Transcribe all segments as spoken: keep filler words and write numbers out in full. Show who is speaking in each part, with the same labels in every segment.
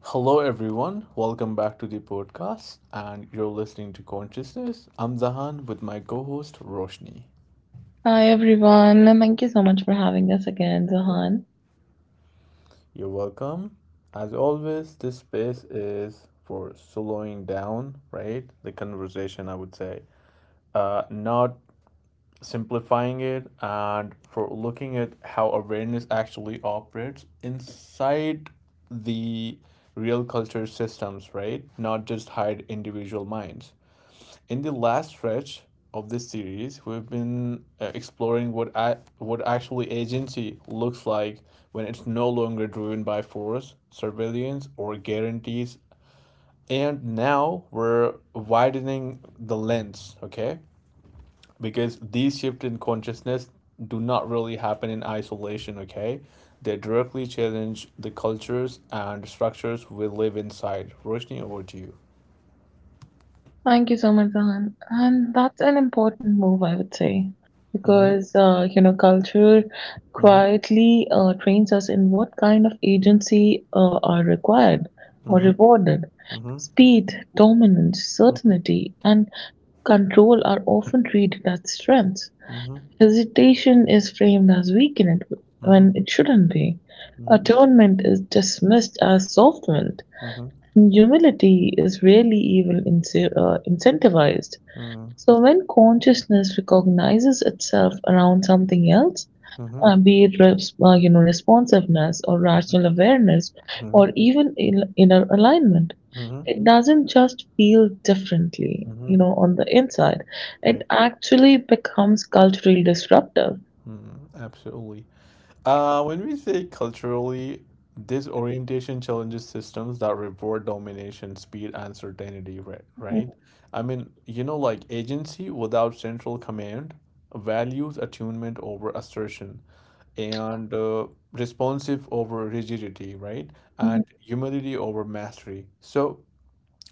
Speaker 1: Hello, everyone. Welcome back to the podcast, and you're listening to Consciousness. I'm Zahan with my co host Roshni.
Speaker 2: Hi everyone, thank you so much for having us again, Zahan.
Speaker 1: You're welcome. As always, this space is for slowing down, right? The conversation, I would say, uh, not simplifying it, and for looking at how awareness actually operates inside the real culture systems, right? Not just hide individual minds. In the last stretch of this series, we've been uh, exploring what a- what actually agency looks like when it's no longer driven by force, surveillance, or guarantees. And now we're widening the lens, okay? Because these shifts in consciousness do not really happen in isolation, okay? They directly challenge the cultures and structures we live inside. Roshni, over to you.
Speaker 2: Thank you so much, Zahan. And that's an important move, I would say,
Speaker 1: Mm-hmm,
Speaker 2: because uh, you know culture
Speaker 1: mm-hmm,
Speaker 2: quietly uh, trains us in what kind of agency uh, are required or
Speaker 1: mm-hmm,
Speaker 2: rewarded.
Speaker 1: mm-hmm,
Speaker 2: Speed, dominance,
Speaker 1: mm-hmm.
Speaker 2: certainty, and control are often treated as strengths.
Speaker 1: Mm-hmm.
Speaker 2: Hesitation is framed as weakened
Speaker 1: Mhm,
Speaker 2: when it shouldn't be.
Speaker 1: mhm,
Speaker 2: Atonement is dismissed as softness.
Speaker 1: mhm,
Speaker 2: Humility is rarely even ince- uh, incentivized.
Speaker 1: mhm,
Speaker 2: So, when consciousness recognizes itself around something else,
Speaker 1: mhm,
Speaker 2: uh, be it res- uh, you know responsiveness or rational awareness
Speaker 1: mhm,
Speaker 2: or even in- inner alignment,
Speaker 1: mhm,
Speaker 2: it doesn't just feel differently, you
Speaker 1: mhm,
Speaker 2: know, on the inside. It
Speaker 1: right.
Speaker 2: actually becomes culturally disruptive.
Speaker 1: Mhm, absolutely. Uh, when we say culturally, this orientation challenges systems that reward domination, speed, and certainty, right?
Speaker 2: Mhm.
Speaker 1: Right? I mean, you know, like agency without central command values attunement over assertion and uh, responsive over rigidity, right? And humility over mastery. So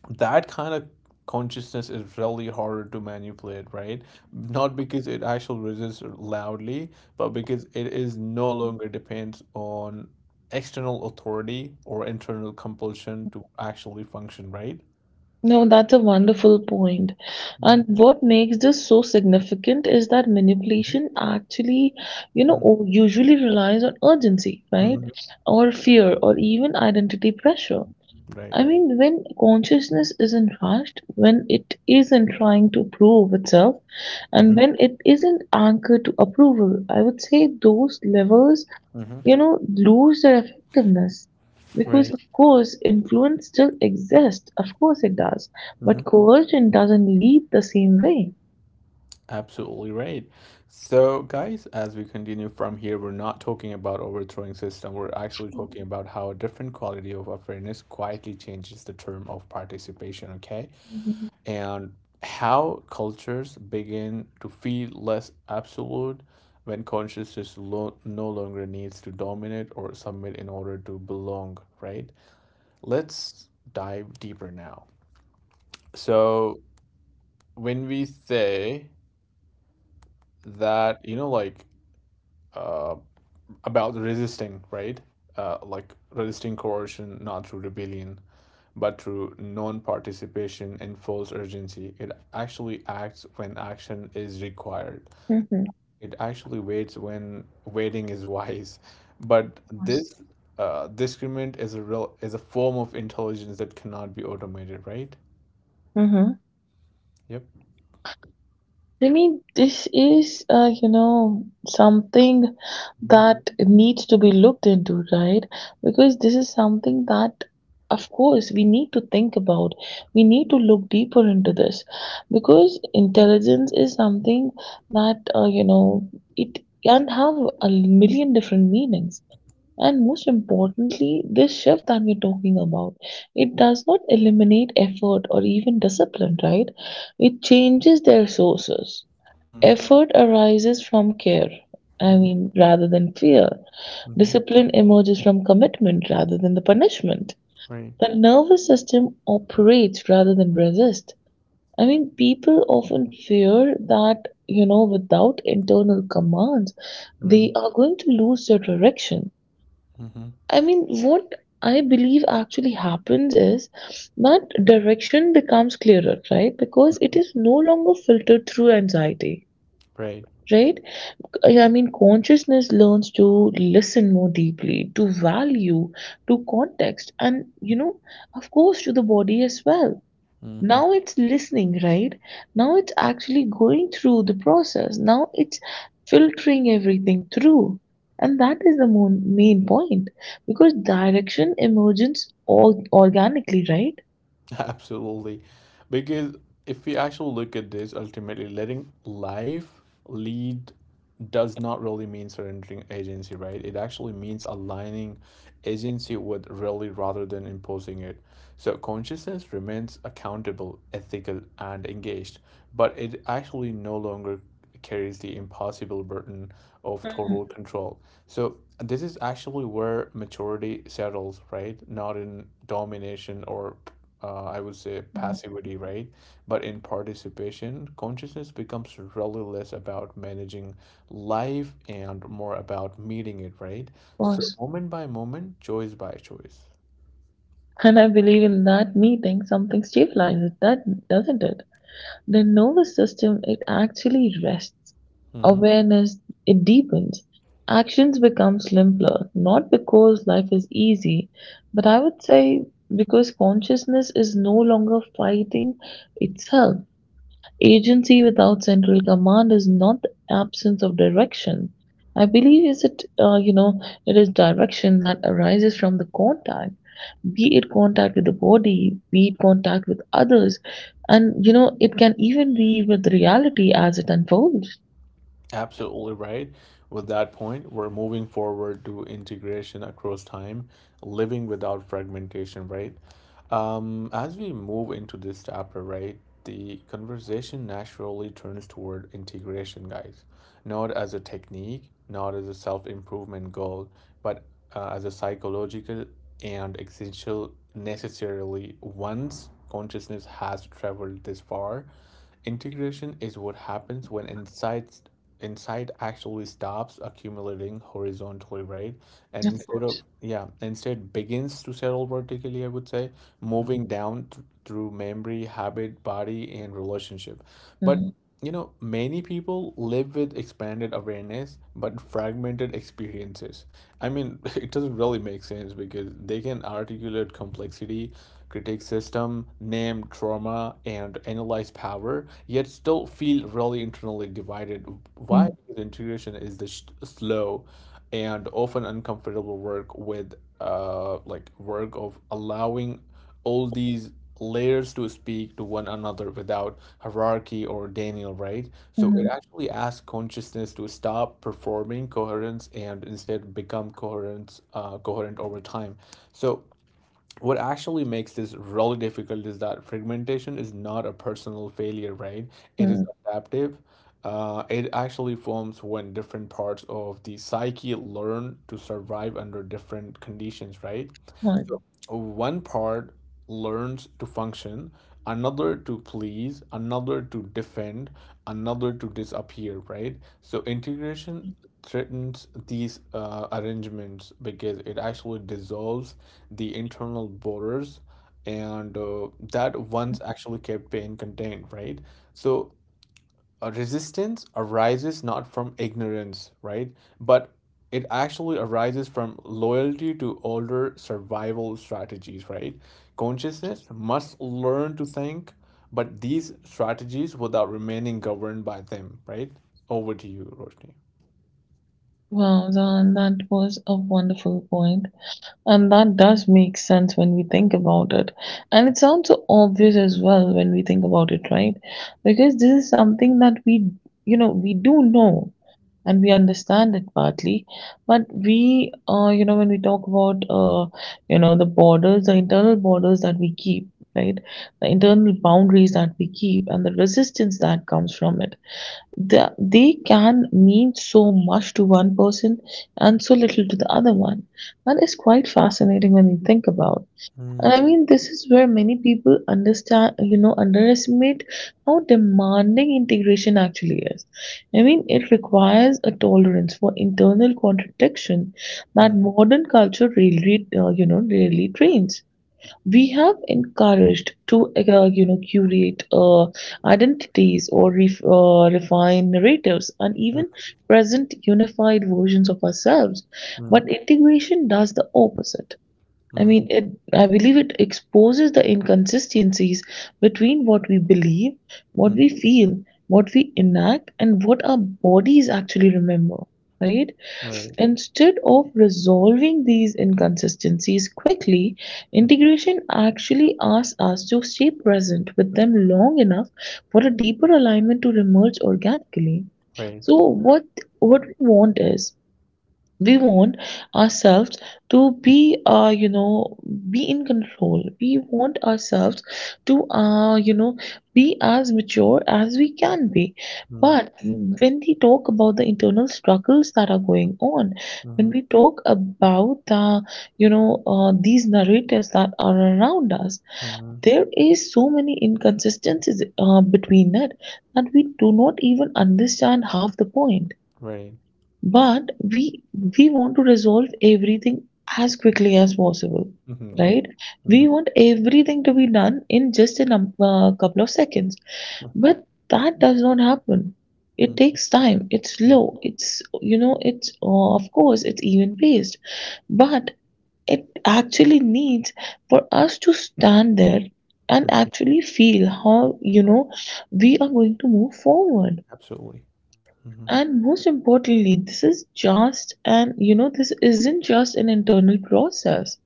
Speaker 1: that kind of consciousness is really harder to manipulate, right? Not because it actually resists loudly, but because it is no longer depends on external authority or internal compulsion to actually function, right?
Speaker 2: No, that's a wonderful point. And what makes this so significant is that
Speaker 1: Mhm.
Speaker 2: manipulation actually, you know,
Speaker 1: Mhm.
Speaker 2: o- usually relies on urgency,
Speaker 1: Mhm.
Speaker 2: right?
Speaker 1: Mhm.
Speaker 2: Or fear, or even identity pressure.
Speaker 1: Right.
Speaker 2: I mean, when consciousness isn't rushed, when it isn't trying to prove itself, and
Speaker 1: Hmm.
Speaker 2: when it isn't anchored to approval, I would say those levels,
Speaker 1: Hmm.
Speaker 2: you know, lose their effectiveness. Because,
Speaker 1: Right.
Speaker 2: of course, influence still exists. Of course it does. But coercion doesn't lead the same way.
Speaker 1: Absolutely right. So, guys, as we continue from here, we're not talking about overthrowing system. We're actually talking about how a different quality of awareness quietly changes the term of participation, okay? And how cultures begin to feel less absolute when consciousness lo- no longer needs to dominate or submit in order to belong, right? Let's dive deeper now. So, when we say that, you know, like, um about resisting, right? Uh, like resisting coercion not through rebellion, but through non participation and false urgency. It actually acts when action is required.
Speaker 2: Mm-hmm.
Speaker 1: It actually waits when waiting is wise. But this uh, discriminant is a real is a form of intelligence that cannot be automated, right?
Speaker 2: Mm-hmm.
Speaker 1: Yep.
Speaker 2: I mean, this is, uh, you know, something that needs to be looked into, right? Because this is something that, of course, we need to think about. We need to look deeper into this because intelligence is something that, uh, you know, it can have a million different meanings. And most importantly, this shift that we're talking about, it does not eliminate effort or even discipline, right? It changes their sources.
Speaker 1: Mm-hmm.
Speaker 2: Effort arises from care, I
Speaker 1: Mm-hmm.
Speaker 2: mean, rather than fear.
Speaker 1: Mm-hmm.
Speaker 2: Discipline emerges from commitment rather than the punishment.
Speaker 1: Right.
Speaker 2: The nervous system operates rather than resist. I mean, people often fear that, you know, without internal commands, they are going to lose their direction.
Speaker 1: Mm-hmm.
Speaker 2: I mean, what I believe actually happens is that direction becomes clearer, right? Because it is no longer filtered through anxiety,
Speaker 1: Right.
Speaker 2: right? I mean, consciousness learns to listen more deeply, to value, to context, and, you know, of course, to the body as well.
Speaker 1: Mm-hmm.
Speaker 2: Now it's listening, right? Now it's actually going through the process. Now it's filtering everything through. And that is the mo- main point because direction emerges all organically, right?
Speaker 1: Absolutely. Because if we actually look at this, ultimately letting life lead does not really mean surrendering agency, right? It actually means aligning agency with really rather than imposing it. So consciousness remains accountable, ethical, and engaged, but it actually no longer carries the impossible burden of
Speaker 2: Mm,
Speaker 1: total control. So this is actually where maturity settles, right? Not in domination or uh, I would say
Speaker 2: mm, of
Speaker 1: passivity, right? But in participation, consciousness becomes really less about managing life and more about meeting it, right? So
Speaker 2: course.
Speaker 1: moment by moment, choice by choice.
Speaker 2: And I believe in that meeting, something stabilizes, that doesn't it? The nervous system, it actually rests.
Speaker 1: Mm-hmm.
Speaker 2: Awareness, it deepens. Actions become simpler, not because life is easy, but I would say because consciousness is no longer fighting itself. Agency without central command is not the absence of direction. I believe is it, uh, you know, it is direction that arises from the contact, be it contact with the body, be it contact with others, and you know it can even be with reality as it unfolds.
Speaker 1: Absolutely right. With that point, we're moving forward to integration across time, living without fragmentation, right? Um, as we move into this chapter, right, the conversation naturally turns toward integration, guys, not as a technique, not as a self improvement goal, but uh, as a psychological and essential, necessarily once consciousness has traveled this far. Integration is what happens when insights insight actually stops accumulating horizontally, right? And
Speaker 2: Of
Speaker 1: instead
Speaker 2: course.
Speaker 1: of, yeah, instead begins to settle vertically, I would say, moving down th- through memory, habit, body, and relationship. But,
Speaker 2: Mm-hmm.
Speaker 1: you know, many people live with expanded awareness but fragmented experiences. I mean, it doesn't really make sense because they can articulate complexity, critique system, name trauma, and analyze power, yet still feel really internally divided. Why? Because integration is the sh- slow and often uncomfortable work with uh like work of allowing all these layers to speak to one another without hierarchy or Daniel, right? So it
Speaker 2: Mm-hmm.
Speaker 1: actually asks consciousness to stop performing coherence and instead become coherence, uh, coherent over time. So what actually makes this really difficult is that fragmentation is not a personal failure, right? It is adaptive. Uh, it actually forms when different parts of the psyche learn to survive under different conditions, right?
Speaker 2: Right.
Speaker 1: So one part learns to function, another to please, another to defend, another to disappear, right? So integration threatens these uh, arrangements because it actually dissolves the internal borders and uh, that once actually kept pain contained, right? So uh, resistance arises not from ignorance, right? But it actually arises from loyalty to older survival strategies, right? Consciousness must learn to think, but these strategies without remaining governed by them, right? Over to you, Roshni.
Speaker 2: Wow, Zan, that was a wonderful point. And that does make sense when we think about it. And it sounds so obvious as well when we think about it, right? Because this is something that we, you know, we do know and we understand it partly. But we, uh, you know, when we talk about, uh, you know, the borders, the internal borders that we keep, right? The internal boundaries that we keep and the resistance that comes from it the, they can mean so much to one person and so little to the other one. And it's quite fascinating when you think about.
Speaker 1: Mm,
Speaker 2: And I mean, this is where many people understand, you know, underestimate how demanding integration actually is. I mean, it requires a tolerance for internal contradiction
Speaker 1: mm,
Speaker 2: that modern culture really, uh, you know, rarely trains. We have encouraged to uh, you know curate uh, identities or ref, uh, refine narratives and
Speaker 1: mm,
Speaker 2: even present unified versions of ourselves,
Speaker 1: mm,
Speaker 2: but integration does the opposite. I
Speaker 1: mm,
Speaker 2: mean, it, I believe it exposes the inconsistencies between what we believe, what
Speaker 1: mm,
Speaker 2: we feel, what we enact, and what our bodies actually remember, right?
Speaker 1: right,
Speaker 2: Instead of resolving these inconsistencies quickly,
Speaker 1: mm.
Speaker 2: integration actually asks us to stay present with them long enough for a deeper alignment to emerge organically.
Speaker 1: Right,
Speaker 2: So, what what we want is we want ourselves to be, uh, you know, be in control. We want ourselves to, uh, you know, be as mature as we can be,
Speaker 1: mm,
Speaker 2: but when we talk about the internal struggles that are going on, when
Speaker 1: mhm,
Speaker 2: we talk about the, you know, uh, these narratives that are around us,
Speaker 1: mhm,
Speaker 2: there is so many inconsistencies uh, between it that we do not even understand half the point,
Speaker 1: right,
Speaker 2: but we we want to resolve everything as quickly as possible,
Speaker 1: hmm, right,
Speaker 2: right?
Speaker 1: hmm,
Speaker 2: We
Speaker 1: mm,
Speaker 2: want everything to be done in just a num- uh, couple of seconds, but that does not happen. It
Speaker 1: mm,
Speaker 2: takes time, it's
Speaker 1: mm,
Speaker 2: slow, it's, you know, it's, uh, of course, it's even paced, but it actually needs for us to stand there and
Speaker 1: mm,
Speaker 2: actually feel how, you know, we are going to move forward.
Speaker 1: absolutely. Hmm.
Speaker 2: And most importantly, this is just an, you know, this isn't just an internal process.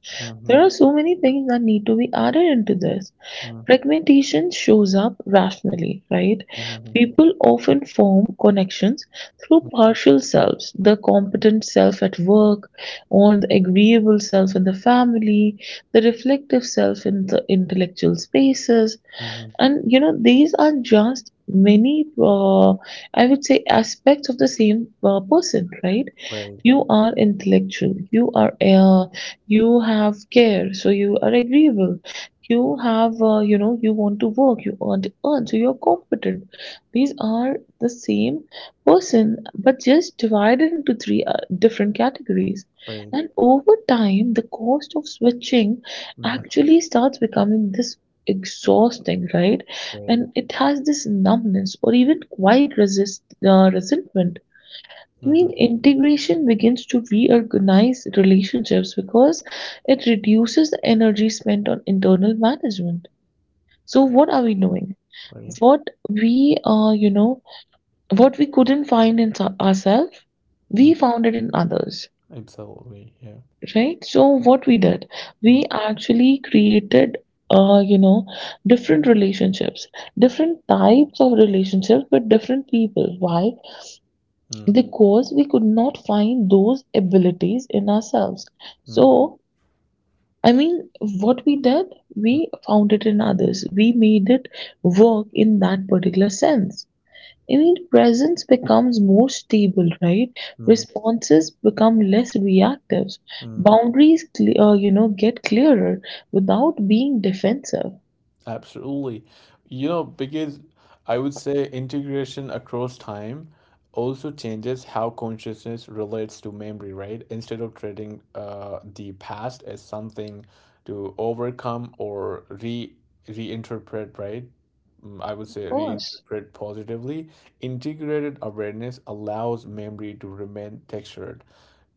Speaker 2: There
Speaker 1: Mhm,
Speaker 2: are so many things that need to be added into this.
Speaker 1: mm,
Speaker 2: Fragmentation shows up rationally, right?
Speaker 1: mhm,
Speaker 2: People often form connections through
Speaker 1: mhm,
Speaker 2: partial selves, the competent self at work, or the agreeable self in the family, the reflective self in the intellectual spaces,
Speaker 1: mhm.
Speaker 2: and you know these are just many, uh, I would say, aspects of the same uh, person, right?
Speaker 1: Right,
Speaker 2: You are intellectual, you are, uh, you have care, so you are agreeable. You have, uh, you know, you want to work, you want to earn, so you're competent. These are the same person but just divided into three uh, different categories.
Speaker 1: right.
Speaker 2: And over time the cost of switching
Speaker 1: Mhm,
Speaker 2: actually starts becoming this exhausting, right?
Speaker 1: right.
Speaker 2: And it has this numbness or even quite resist uh, resentment. I
Speaker 1: Mhm,
Speaker 2: mean,
Speaker 1: mhm,
Speaker 2: integration begins to reorganize relationships because it reduces the energy spent on internal management. So, what are we doing?
Speaker 1: right.
Speaker 2: What we, uh, you know, what we couldn't find in so, ourselves,
Speaker 1: Mm,
Speaker 2: we found it in others,
Speaker 1: absolutely, yeah.
Speaker 2: right? So, what we did,
Speaker 1: Mm,
Speaker 2: we actually created, uh, you know, different relationships, different types of relationships with different people. Why?
Speaker 1: mm,
Speaker 2: Because we could not find those abilities in ourselves.
Speaker 1: mm,
Speaker 2: So, I mean, what we did,
Speaker 1: mm,
Speaker 2: we found it in others. We made it work in that particular sense. I mean, presence becomes more stable, right?
Speaker 1: mm,
Speaker 2: Responses become less reactive.
Speaker 1: mm.
Speaker 2: Boundaries, cle- uh, you know, get clearer without being defensive. Of
Speaker 1: Absolutely. You know, because I would say integration across time also changes how consciousness relates to memory, right? Instead of treating uh, the past as something to overcome or re reinterpret, right? Mm, I would say
Speaker 2: course.
Speaker 1: reinterpret positively. Integrated awareness allows memory to remain textured,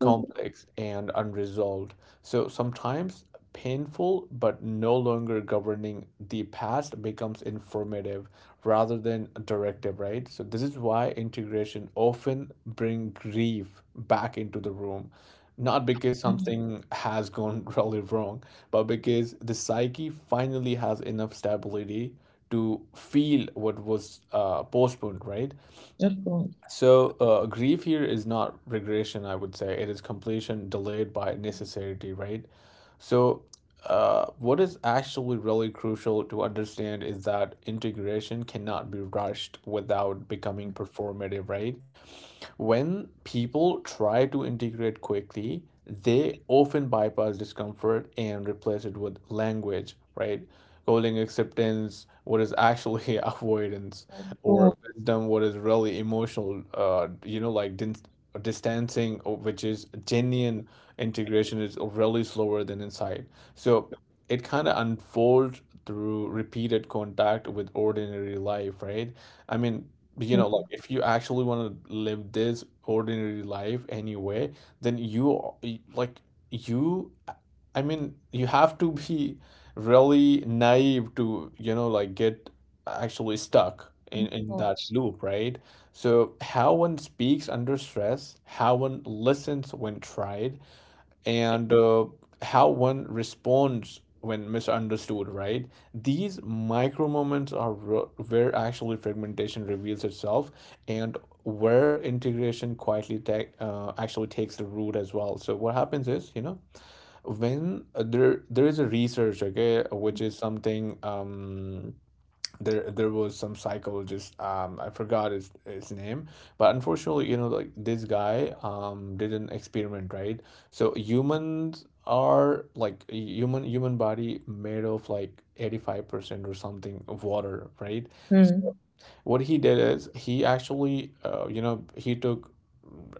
Speaker 2: Mhm.
Speaker 1: and unresolved so sometimes painful but no longer governing the past becomes informative rather than directive, right? So this is why integration often bring grief back into the room. Not because
Speaker 2: Mhm.
Speaker 1: something has gone really wrong, but because the psyche finally has enough stability to feel what was uh, postponed, right?
Speaker 2: Of course.
Speaker 1: So, uh, grief here is not regression, I would say. It is completion delayed by necessity, right? So, uh, what is actually really crucial to understand is that integration cannot be rushed without becoming performative, right? When people try to integrate quickly, they often bypass discomfort and replace it with language, right? Calling acceptance what is actually avoidance,
Speaker 2: Of
Speaker 1: or
Speaker 2: course.
Speaker 1: wisdom what is really emotional, uh, you know, like din- distancing, uh, which is genuine integration, is really slower than insight. So it kind of unfolds through repeated contact with ordinary life, right? I mean, you know, like
Speaker 2: Mhm.
Speaker 1: if you actually want to live this ordinary life anyway, then you are- y- like you I mean you have to be really naive to, you know, like get actually stuck in
Speaker 2: Of
Speaker 1: in that
Speaker 2: course.
Speaker 1: loop, right? So how one speaks under stress, how one listens when tried, and uh, how one responds when misunderstood, right? These micro moments are ro- where actually fragmentation reveals itself and where integration quietly take uh, actually takes the root as well. So what happens is, you know, when uh, there there is a research, okay, which is something, um there there was some psychologist, um I forgot his his name, but unfortunately, you know, like this guy um did an experiment, right? So humans are like human human body made of like eighty-five percent or something of water, right?
Speaker 2: Mm.
Speaker 1: What he did is he actually, uh, you know, he took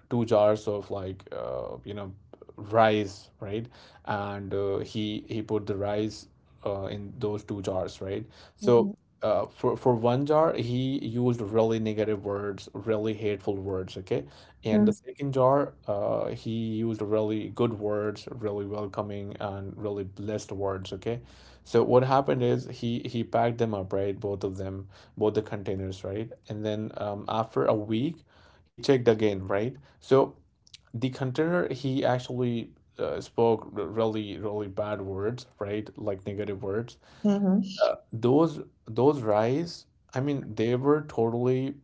Speaker 1: two jars of like, uh, you know, rice, right? And uh, he he put the rice uh, in those two jars, right? So
Speaker 2: Mm.
Speaker 1: uh, for for one jar he used really negative words, really hateful words, okay? And
Speaker 2: Mm.
Speaker 1: the second jar, uh, he used really good words, really welcoming and really blessed words, okay? So what happened is he he packed them up, right, both of them, both the containers, right? And then, um, after a week, he checked again, right? So the container, he actually uh, spoke really, really bad words, right? Like negative words.
Speaker 2: Mhm.
Speaker 1: Uh, those those rice, I mean, they were totally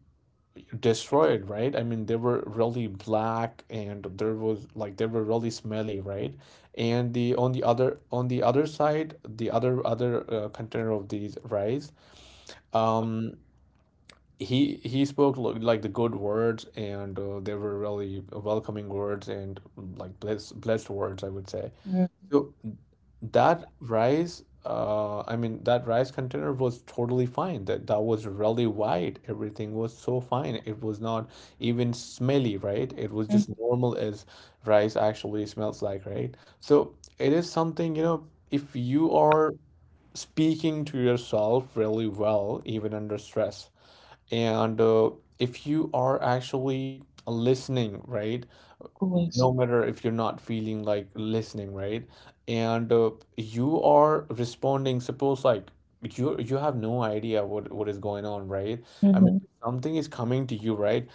Speaker 1: destroyed, right? I mean, they were really black and there was like they were really smelly, right? And the on the other on the other side, the other other uh, container of these rice, um he he spoke lo- like the good words and uh, they were really welcoming words and like blessed blessed words, I would say.
Speaker 2: Mm.
Speaker 1: So that rice, uh I mean that rice container was totally fine. That that was really white. Everything was so fine. It was not even smelly, right? It was just
Speaker 2: Mhm.
Speaker 1: normal as rice actually smells like, right? So it is something, you know, if you are speaking to yourself really well even under stress, and uh, if you are actually listening, right,
Speaker 2: Always.
Speaker 1: no matter if you're not feeling like listening, right? And uh, you are responding. Suppose like you you have no idea what what is going on, right? I mean,
Speaker 2: Mhm.
Speaker 1: if something is coming to you, right?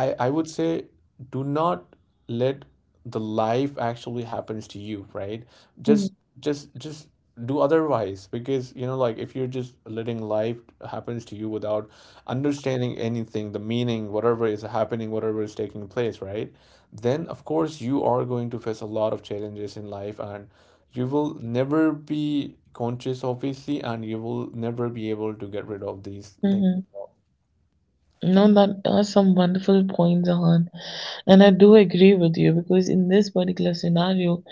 Speaker 1: I I would say do not let the life actually happens to you, right?
Speaker 2: Mm.
Speaker 1: Just just just do otherwise because, you know, like if you're just letting life happens to you without understanding anything, the meaning, whatever is happening, whatever is taking place, right, then of course you are going to face a lot of challenges in life and you will never be conscious, obviously, and you will never be able to get rid of these things.
Speaker 2: Mhm. No, that are some wonderful points, Ahan. And I do agree with you because in this particular scenario,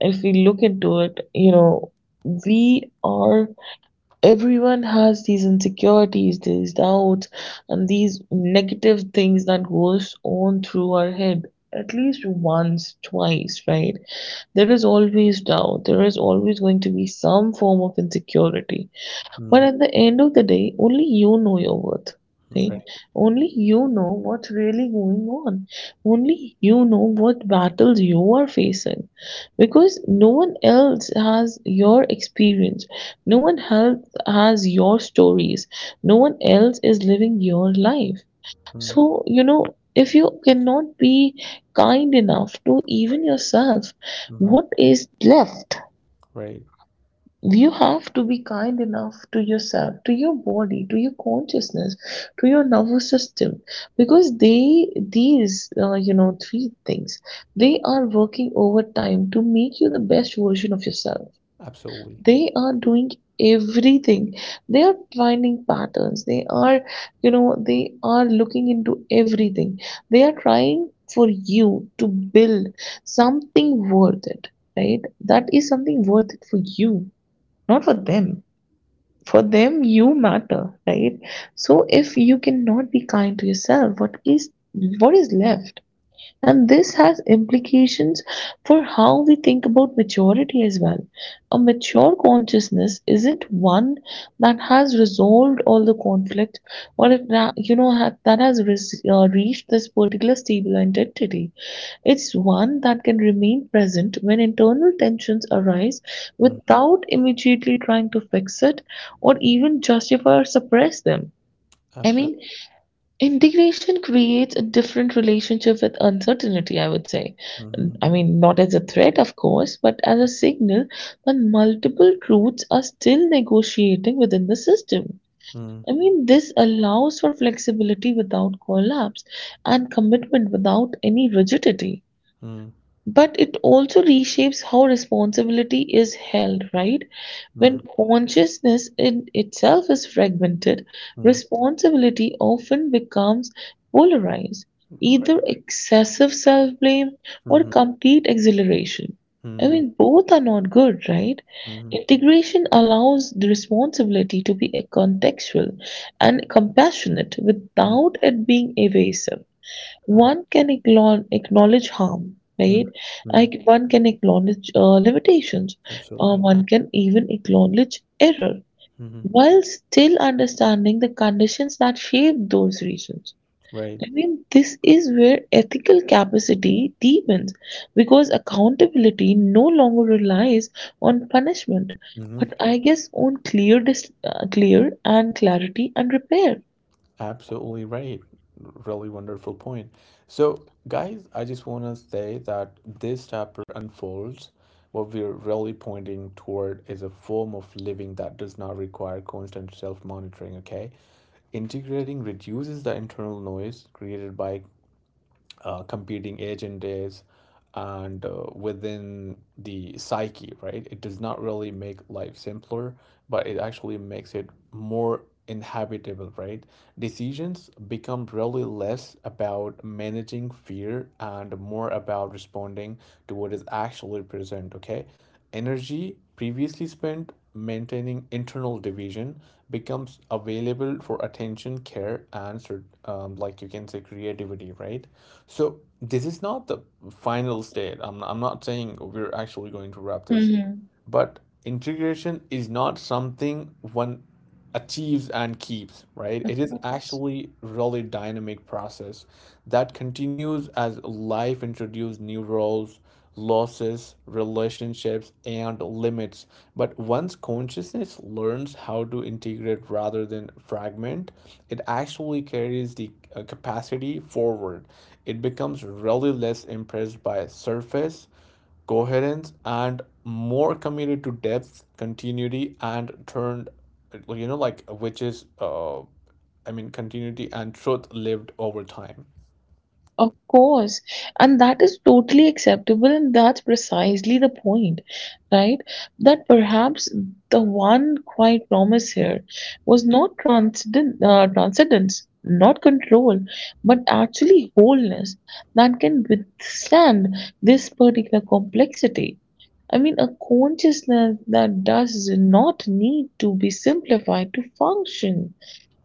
Speaker 2: if we look into it, you know, we are. Everyone has these insecurities, these doubts and these negative things that goes on through our head at least once, twice, right? There is always doubt. There is always going to be some form of insecurity. But
Speaker 1: Mm,
Speaker 2: at the end of the day, only you know your worth,
Speaker 1: mm,
Speaker 2: right?
Speaker 1: right,
Speaker 2: Only you know what's really going on. Only you know what battles you are facing. Because no one else has your experience. No one else has your stories. No one else is living your life.
Speaker 1: mm,
Speaker 2: So, you know, if you cannot be kind enough to even
Speaker 1: right,
Speaker 2: yourself,
Speaker 1: mhm,
Speaker 2: what is left?
Speaker 1: right,
Speaker 2: You have to be kind enough to yourself, to your body, to your consciousness, to your nervous system, because they, these, uh, you know, three things, they are working overtime to make you the best version of yourself.
Speaker 1: absolutely,
Speaker 2: They are doing everything. They are finding patterns. They are, you know, they are looking into everything. They are trying for you to build something worth it, right? That is something worth it for you, not for them. For them, you matter, right? So if you cannot be kind to yourself, what is what is left? And this has implications for how we think about maturity as well. A mature consciousness isn't one that has resolved all the conflict or if that, you know, ha- that has res- uh, reached this particular stable identity. It's one that can remain present when internal tensions arise
Speaker 1: mm,
Speaker 2: without immediately trying to fix it or even justify or suppress them. I mean,
Speaker 1: absolutely,
Speaker 2: integration creates a different relationship with uncertainty, I would say.
Speaker 1: mhm,
Speaker 2: I mean, not as a threat, of course, but as a signal that multiple truths are still negotiating within the system.
Speaker 1: mm,
Speaker 2: I mean, this allows for flexibility without collapse and commitment without any rigidity,
Speaker 1: mm,
Speaker 2: but it also reshapes how responsibility is held, right? When
Speaker 1: mm,
Speaker 2: consciousness in itself is fragmented,
Speaker 1: mm,
Speaker 2: responsibility often becomes polarized, either
Speaker 1: right,
Speaker 2: excessive self-blame or
Speaker 1: mhm,
Speaker 2: complete exhilaration. I
Speaker 1: mm-hmm.
Speaker 2: mean, both are not good, right?
Speaker 1: Mhm,
Speaker 2: Integration allows the responsibility to be a contextual and compassionate
Speaker 1: mhm,
Speaker 2: without it being evasive.
Speaker 1: all right,
Speaker 2: One can acknowl- acknowledge harm,
Speaker 1: mm,
Speaker 2: right? I,
Speaker 1: mm,
Speaker 2: c- one can acknowledge uh, limitations, uh,
Speaker 1: absolutely,
Speaker 2: one can even acknowledge error,
Speaker 1: mm-hmm.
Speaker 2: while still understanding the conditions that shape those reasons.
Speaker 1: Right.
Speaker 2: I mean, this is where ethical capacity deepens because accountability no longer relies on punishment,
Speaker 1: Mhm.
Speaker 2: but I guess on clear, dis- uh, clear and clarity and repair.
Speaker 1: Absolutely right. Really wonderful point. So, guys, I just want to say that this chapter unfolds. What we're really pointing toward is a form of living that does not require constant self monitoring, okay? Integrating reduces the internal noise created by uh, competing agent is and uh, within the psyche, right? It does not really make life simpler, but it actually makes it more inhabitable, right? Decisions become really less about managing fear and more about responding to what is actually present, okay? Energy previously spent maintaining internal division becomes available for attention, care, and um, like you can say creativity, right? So this is not the final state. I'm, I'm not saying we're actually going to wrap this,
Speaker 2: hmm
Speaker 1: but integration is not something one achieves and keeps, right? It is actually really dynamic process that continues as life introduces new roles, losses, relationships, and limits. But once consciousness learns how to integrate rather than fragment, it actually carries the uh, capacity forward. It becomes really less impressed by surface coherence and more committed to depth, continuity, and turned, you know like which is uh I mean continuity and truth lived over time.
Speaker 2: Of course, and that is totally acceptable, and that's precisely the point, right? That perhaps the one quiet promise here was not transcendent, uh, transcendence, not control, but actually wholeness that can withstand this particular complexity. I mean, a consciousness that does not need to be simplified to function,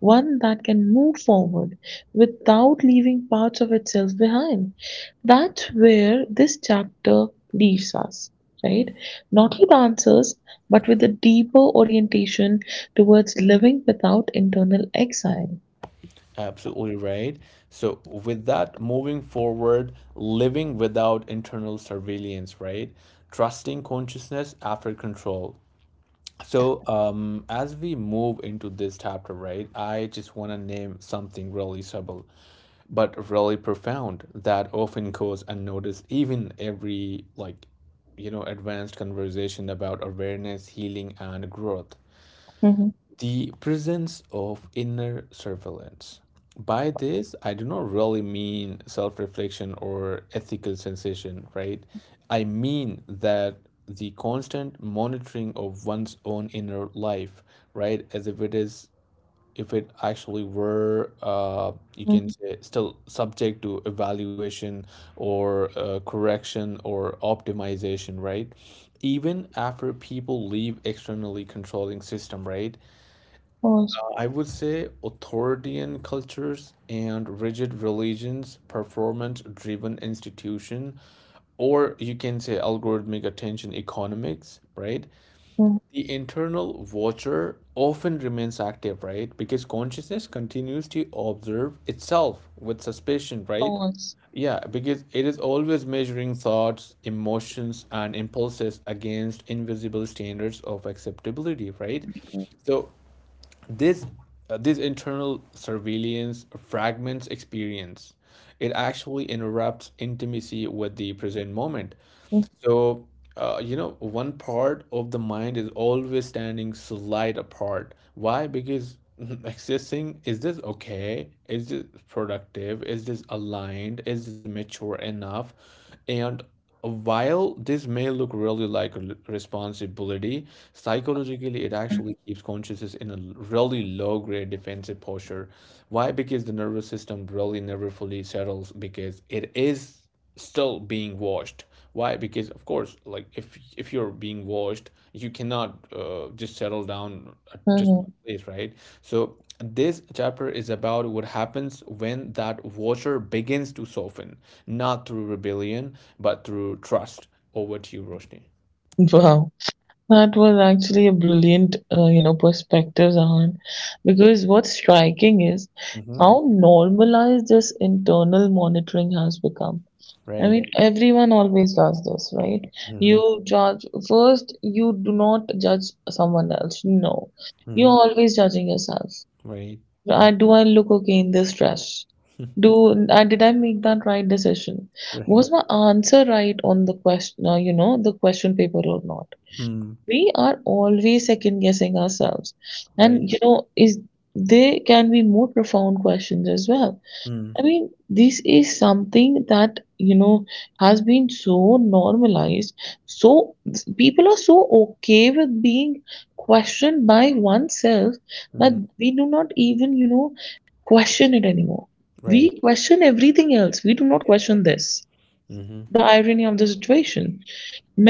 Speaker 2: one that can move forward without leaving parts of itself behind. That's where this chapter leaves us, right? Not with answers, but with a deeper orientation towards living without internal exile.
Speaker 1: Absolutely right. So with that, moving forward, living without internal surveillance, right? Trusting consciousness after control. So, um, as we move into this chapter, right, I just want to name something really subtle but really profound that often goes unnoticed, even every like, you know, advanced conversation about awareness, healing, and growth.
Speaker 2: Mhm.
Speaker 1: The presence of inner surveillance. By this, I do not really mean self reflection or ethical sensation, right? I mean that the constant monitoring of one's own inner life, right? As if it is, If it actually were, uh, you
Speaker 2: Of
Speaker 1: can say, still subject to evaluation or uh, correction or optimization, right? Even after people leave externally controlling system, right?
Speaker 2: course.
Speaker 1: I would say authoritarian cultures and rigid religions, performance-driven institution, or you can say algorithmic attention economics, right?
Speaker 2: Of
Speaker 1: The internal watcher often remains active, right? Because consciousness continues to observe itself with suspicion, right?
Speaker 2: course.
Speaker 1: Yeah, because it is always measuring thoughts, emotions, and impulses against invisible standards of acceptability, right? So this uh, this internal surveillance fragments experience. It actually interrupts intimacy with the present moment. So, uh, you know, one part of the mind is always standing slight apart. Why? Because accessing, is this okay? Is this productive? Is this aligned? Is this mature enough? And while this may look really like a l- responsibility, psychologically it actually keeps consciousness in a l- really low grade defensive posture. Why? Because the nervous system really never fully settles, because it is still being washed. Why? Because of course, like if if you're being washed, you cannot uh, just settle down at just
Speaker 2: Mhm.
Speaker 1: place, right? So this chapter is about what happens when that water begins to soften, not through rebellion, but through trust. Over to you, Roshni.
Speaker 2: Wow. That was actually a brilliant, uh, you know, perspective, Zahan, because what's striking is
Speaker 1: Mm-hmm.
Speaker 2: how normalized this internal monitoring has become. I
Speaker 1: Right.
Speaker 2: mean, everyone always does this, right?
Speaker 1: Mm-hmm.
Speaker 2: You judge first, you do not judge someone else. No, you're
Speaker 1: Mm-hmm.
Speaker 2: always judging yourself.
Speaker 1: Right.
Speaker 2: I,
Speaker 1: Mm.
Speaker 2: do I look okay in this dress? Do I Did I make that right decision?
Speaker 1: Right.
Speaker 2: Was my answer right on the question, uh, you know, the question paper or not?
Speaker 1: Mm.
Speaker 2: We are always second guessing ourselves,
Speaker 1: Right.
Speaker 2: and you know, is, they can be more profound questions as well.
Speaker 1: Mm.
Speaker 2: I mean, this is something that, you know, has been so normalized. So people are so okay with being questioned by oneself that
Speaker 1: Mm.
Speaker 2: we do not even, you know, question it anymore. We
Speaker 1: Right.
Speaker 2: question everything else, we do not question this,
Speaker 1: Mm-hmm.
Speaker 2: the irony of the situation.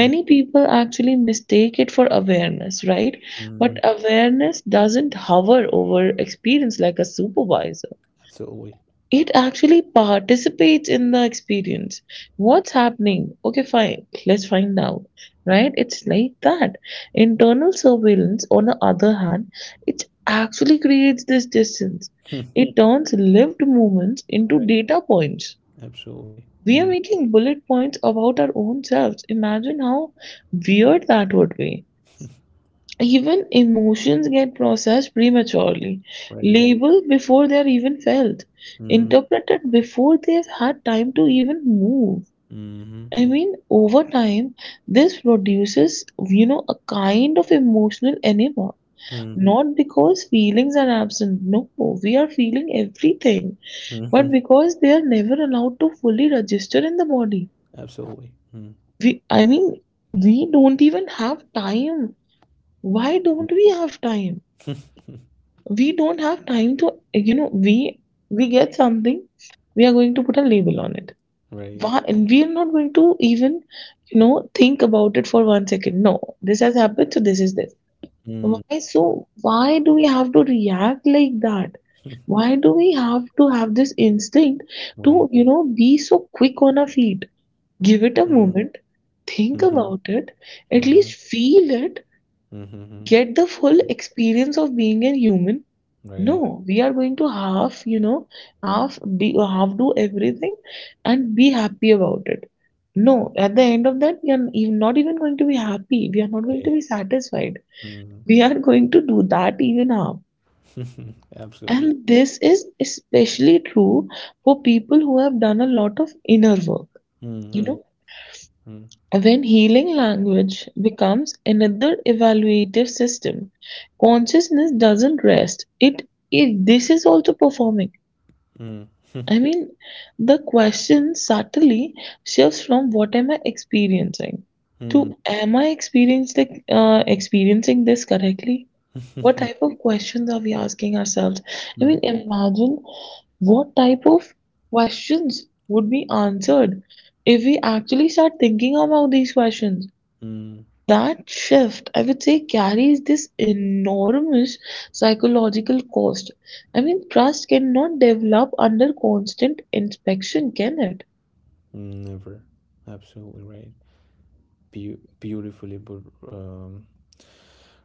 Speaker 1: Mm-hmm. Mm.
Speaker 2: people actually mistake it for awareness, right? But
Speaker 1: Mm.
Speaker 2: awareness doesn't hover over experience like a supervisor.
Speaker 1: Absolutely.
Speaker 2: It actually participates in the experience. What's happening? Okay, fine. Let's find out. Right? It's like that. Internal surveillance, on the other hand, it actually creates this distance. It turns lived moments into
Speaker 1: Right.
Speaker 2: data points.
Speaker 1: Absolutely.
Speaker 2: We're
Speaker 1: Mm.
Speaker 2: making bullet points about our own selves. Imagine how weird that would be. Even emotions get processed prematurely,
Speaker 1: Right.
Speaker 2: labeled before they're even felt,
Speaker 1: Mm.
Speaker 2: interpreted before they've had time to even move.
Speaker 1: Mm-hmm.
Speaker 2: I mean, over time, this produces, you know, a kind of emotional enema.
Speaker 1: Mm.
Speaker 2: Not because feelings are absent. No, we are feeling everything,
Speaker 1: Mm-hmm.
Speaker 2: but because they are never allowed to fully register in the body.
Speaker 1: Absolutely. Mm.
Speaker 2: We, I mean, we don't even have time. Why don't we have time? We don't have time to, you know, we we get something, we are going to put a label on it.
Speaker 1: Right.
Speaker 2: Why, and we are not going to even, you know, think about it for one second. No, this has happened, so this is this.
Speaker 1: Mm.
Speaker 2: Why so? Why do we have to react like that? Why do we have to have this instinct to,
Speaker 1: Right.
Speaker 2: you know, be so quick on our feet? Give it a
Speaker 1: Mm.
Speaker 2: moment. Think
Speaker 1: Mhm.
Speaker 2: about it, at least
Speaker 1: Mhm.
Speaker 2: feel it,
Speaker 1: Mhm. Mhm.
Speaker 2: get the full experience of being a human.
Speaker 1: Right.
Speaker 2: No, we are going to half, you know, half be half do everything and be happy about it. No, at the end of that, we are ev- not even going to be happy. We are not going to be
Speaker 1: Right.
Speaker 2: satisfied.
Speaker 1: Mm.
Speaker 2: We are going to do that even half.
Speaker 1: Absolutely.
Speaker 2: And this is especially true for people who have done a lot of inner work. You
Speaker 1: Mhm.
Speaker 2: know,
Speaker 1: Mm.
Speaker 2: when healing language becomes another evaluative system, consciousness doesn't rest. It, it This is also performing.
Speaker 1: Mm.
Speaker 2: I mean, the question subtly shifts from what am I experiencing
Speaker 1: Mm.
Speaker 2: to am I experiencing uh, experiencing this correctly? What type of questions are we asking ourselves? I
Speaker 1: Mm.
Speaker 2: mean, imagine what type of questions would be answered if we actually start thinking about these questions. That shift, I would say, carries this enormous psychological cost. I mean, trust cannot develop under constant inspection, can it?
Speaker 1: Mm. Never. Absolutely right. Beau beautifully put, um,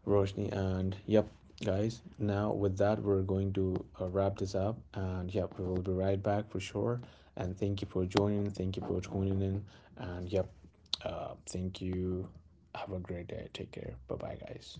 Speaker 1: Roshni. And yep, guys, now with that, we're going to uh, wrap this up. And yep, we will be right back for sure. And thank you for joining. Thank you for tuning in. And yep, uh, thank you. Have a great day. Take care. Bye bye, guys.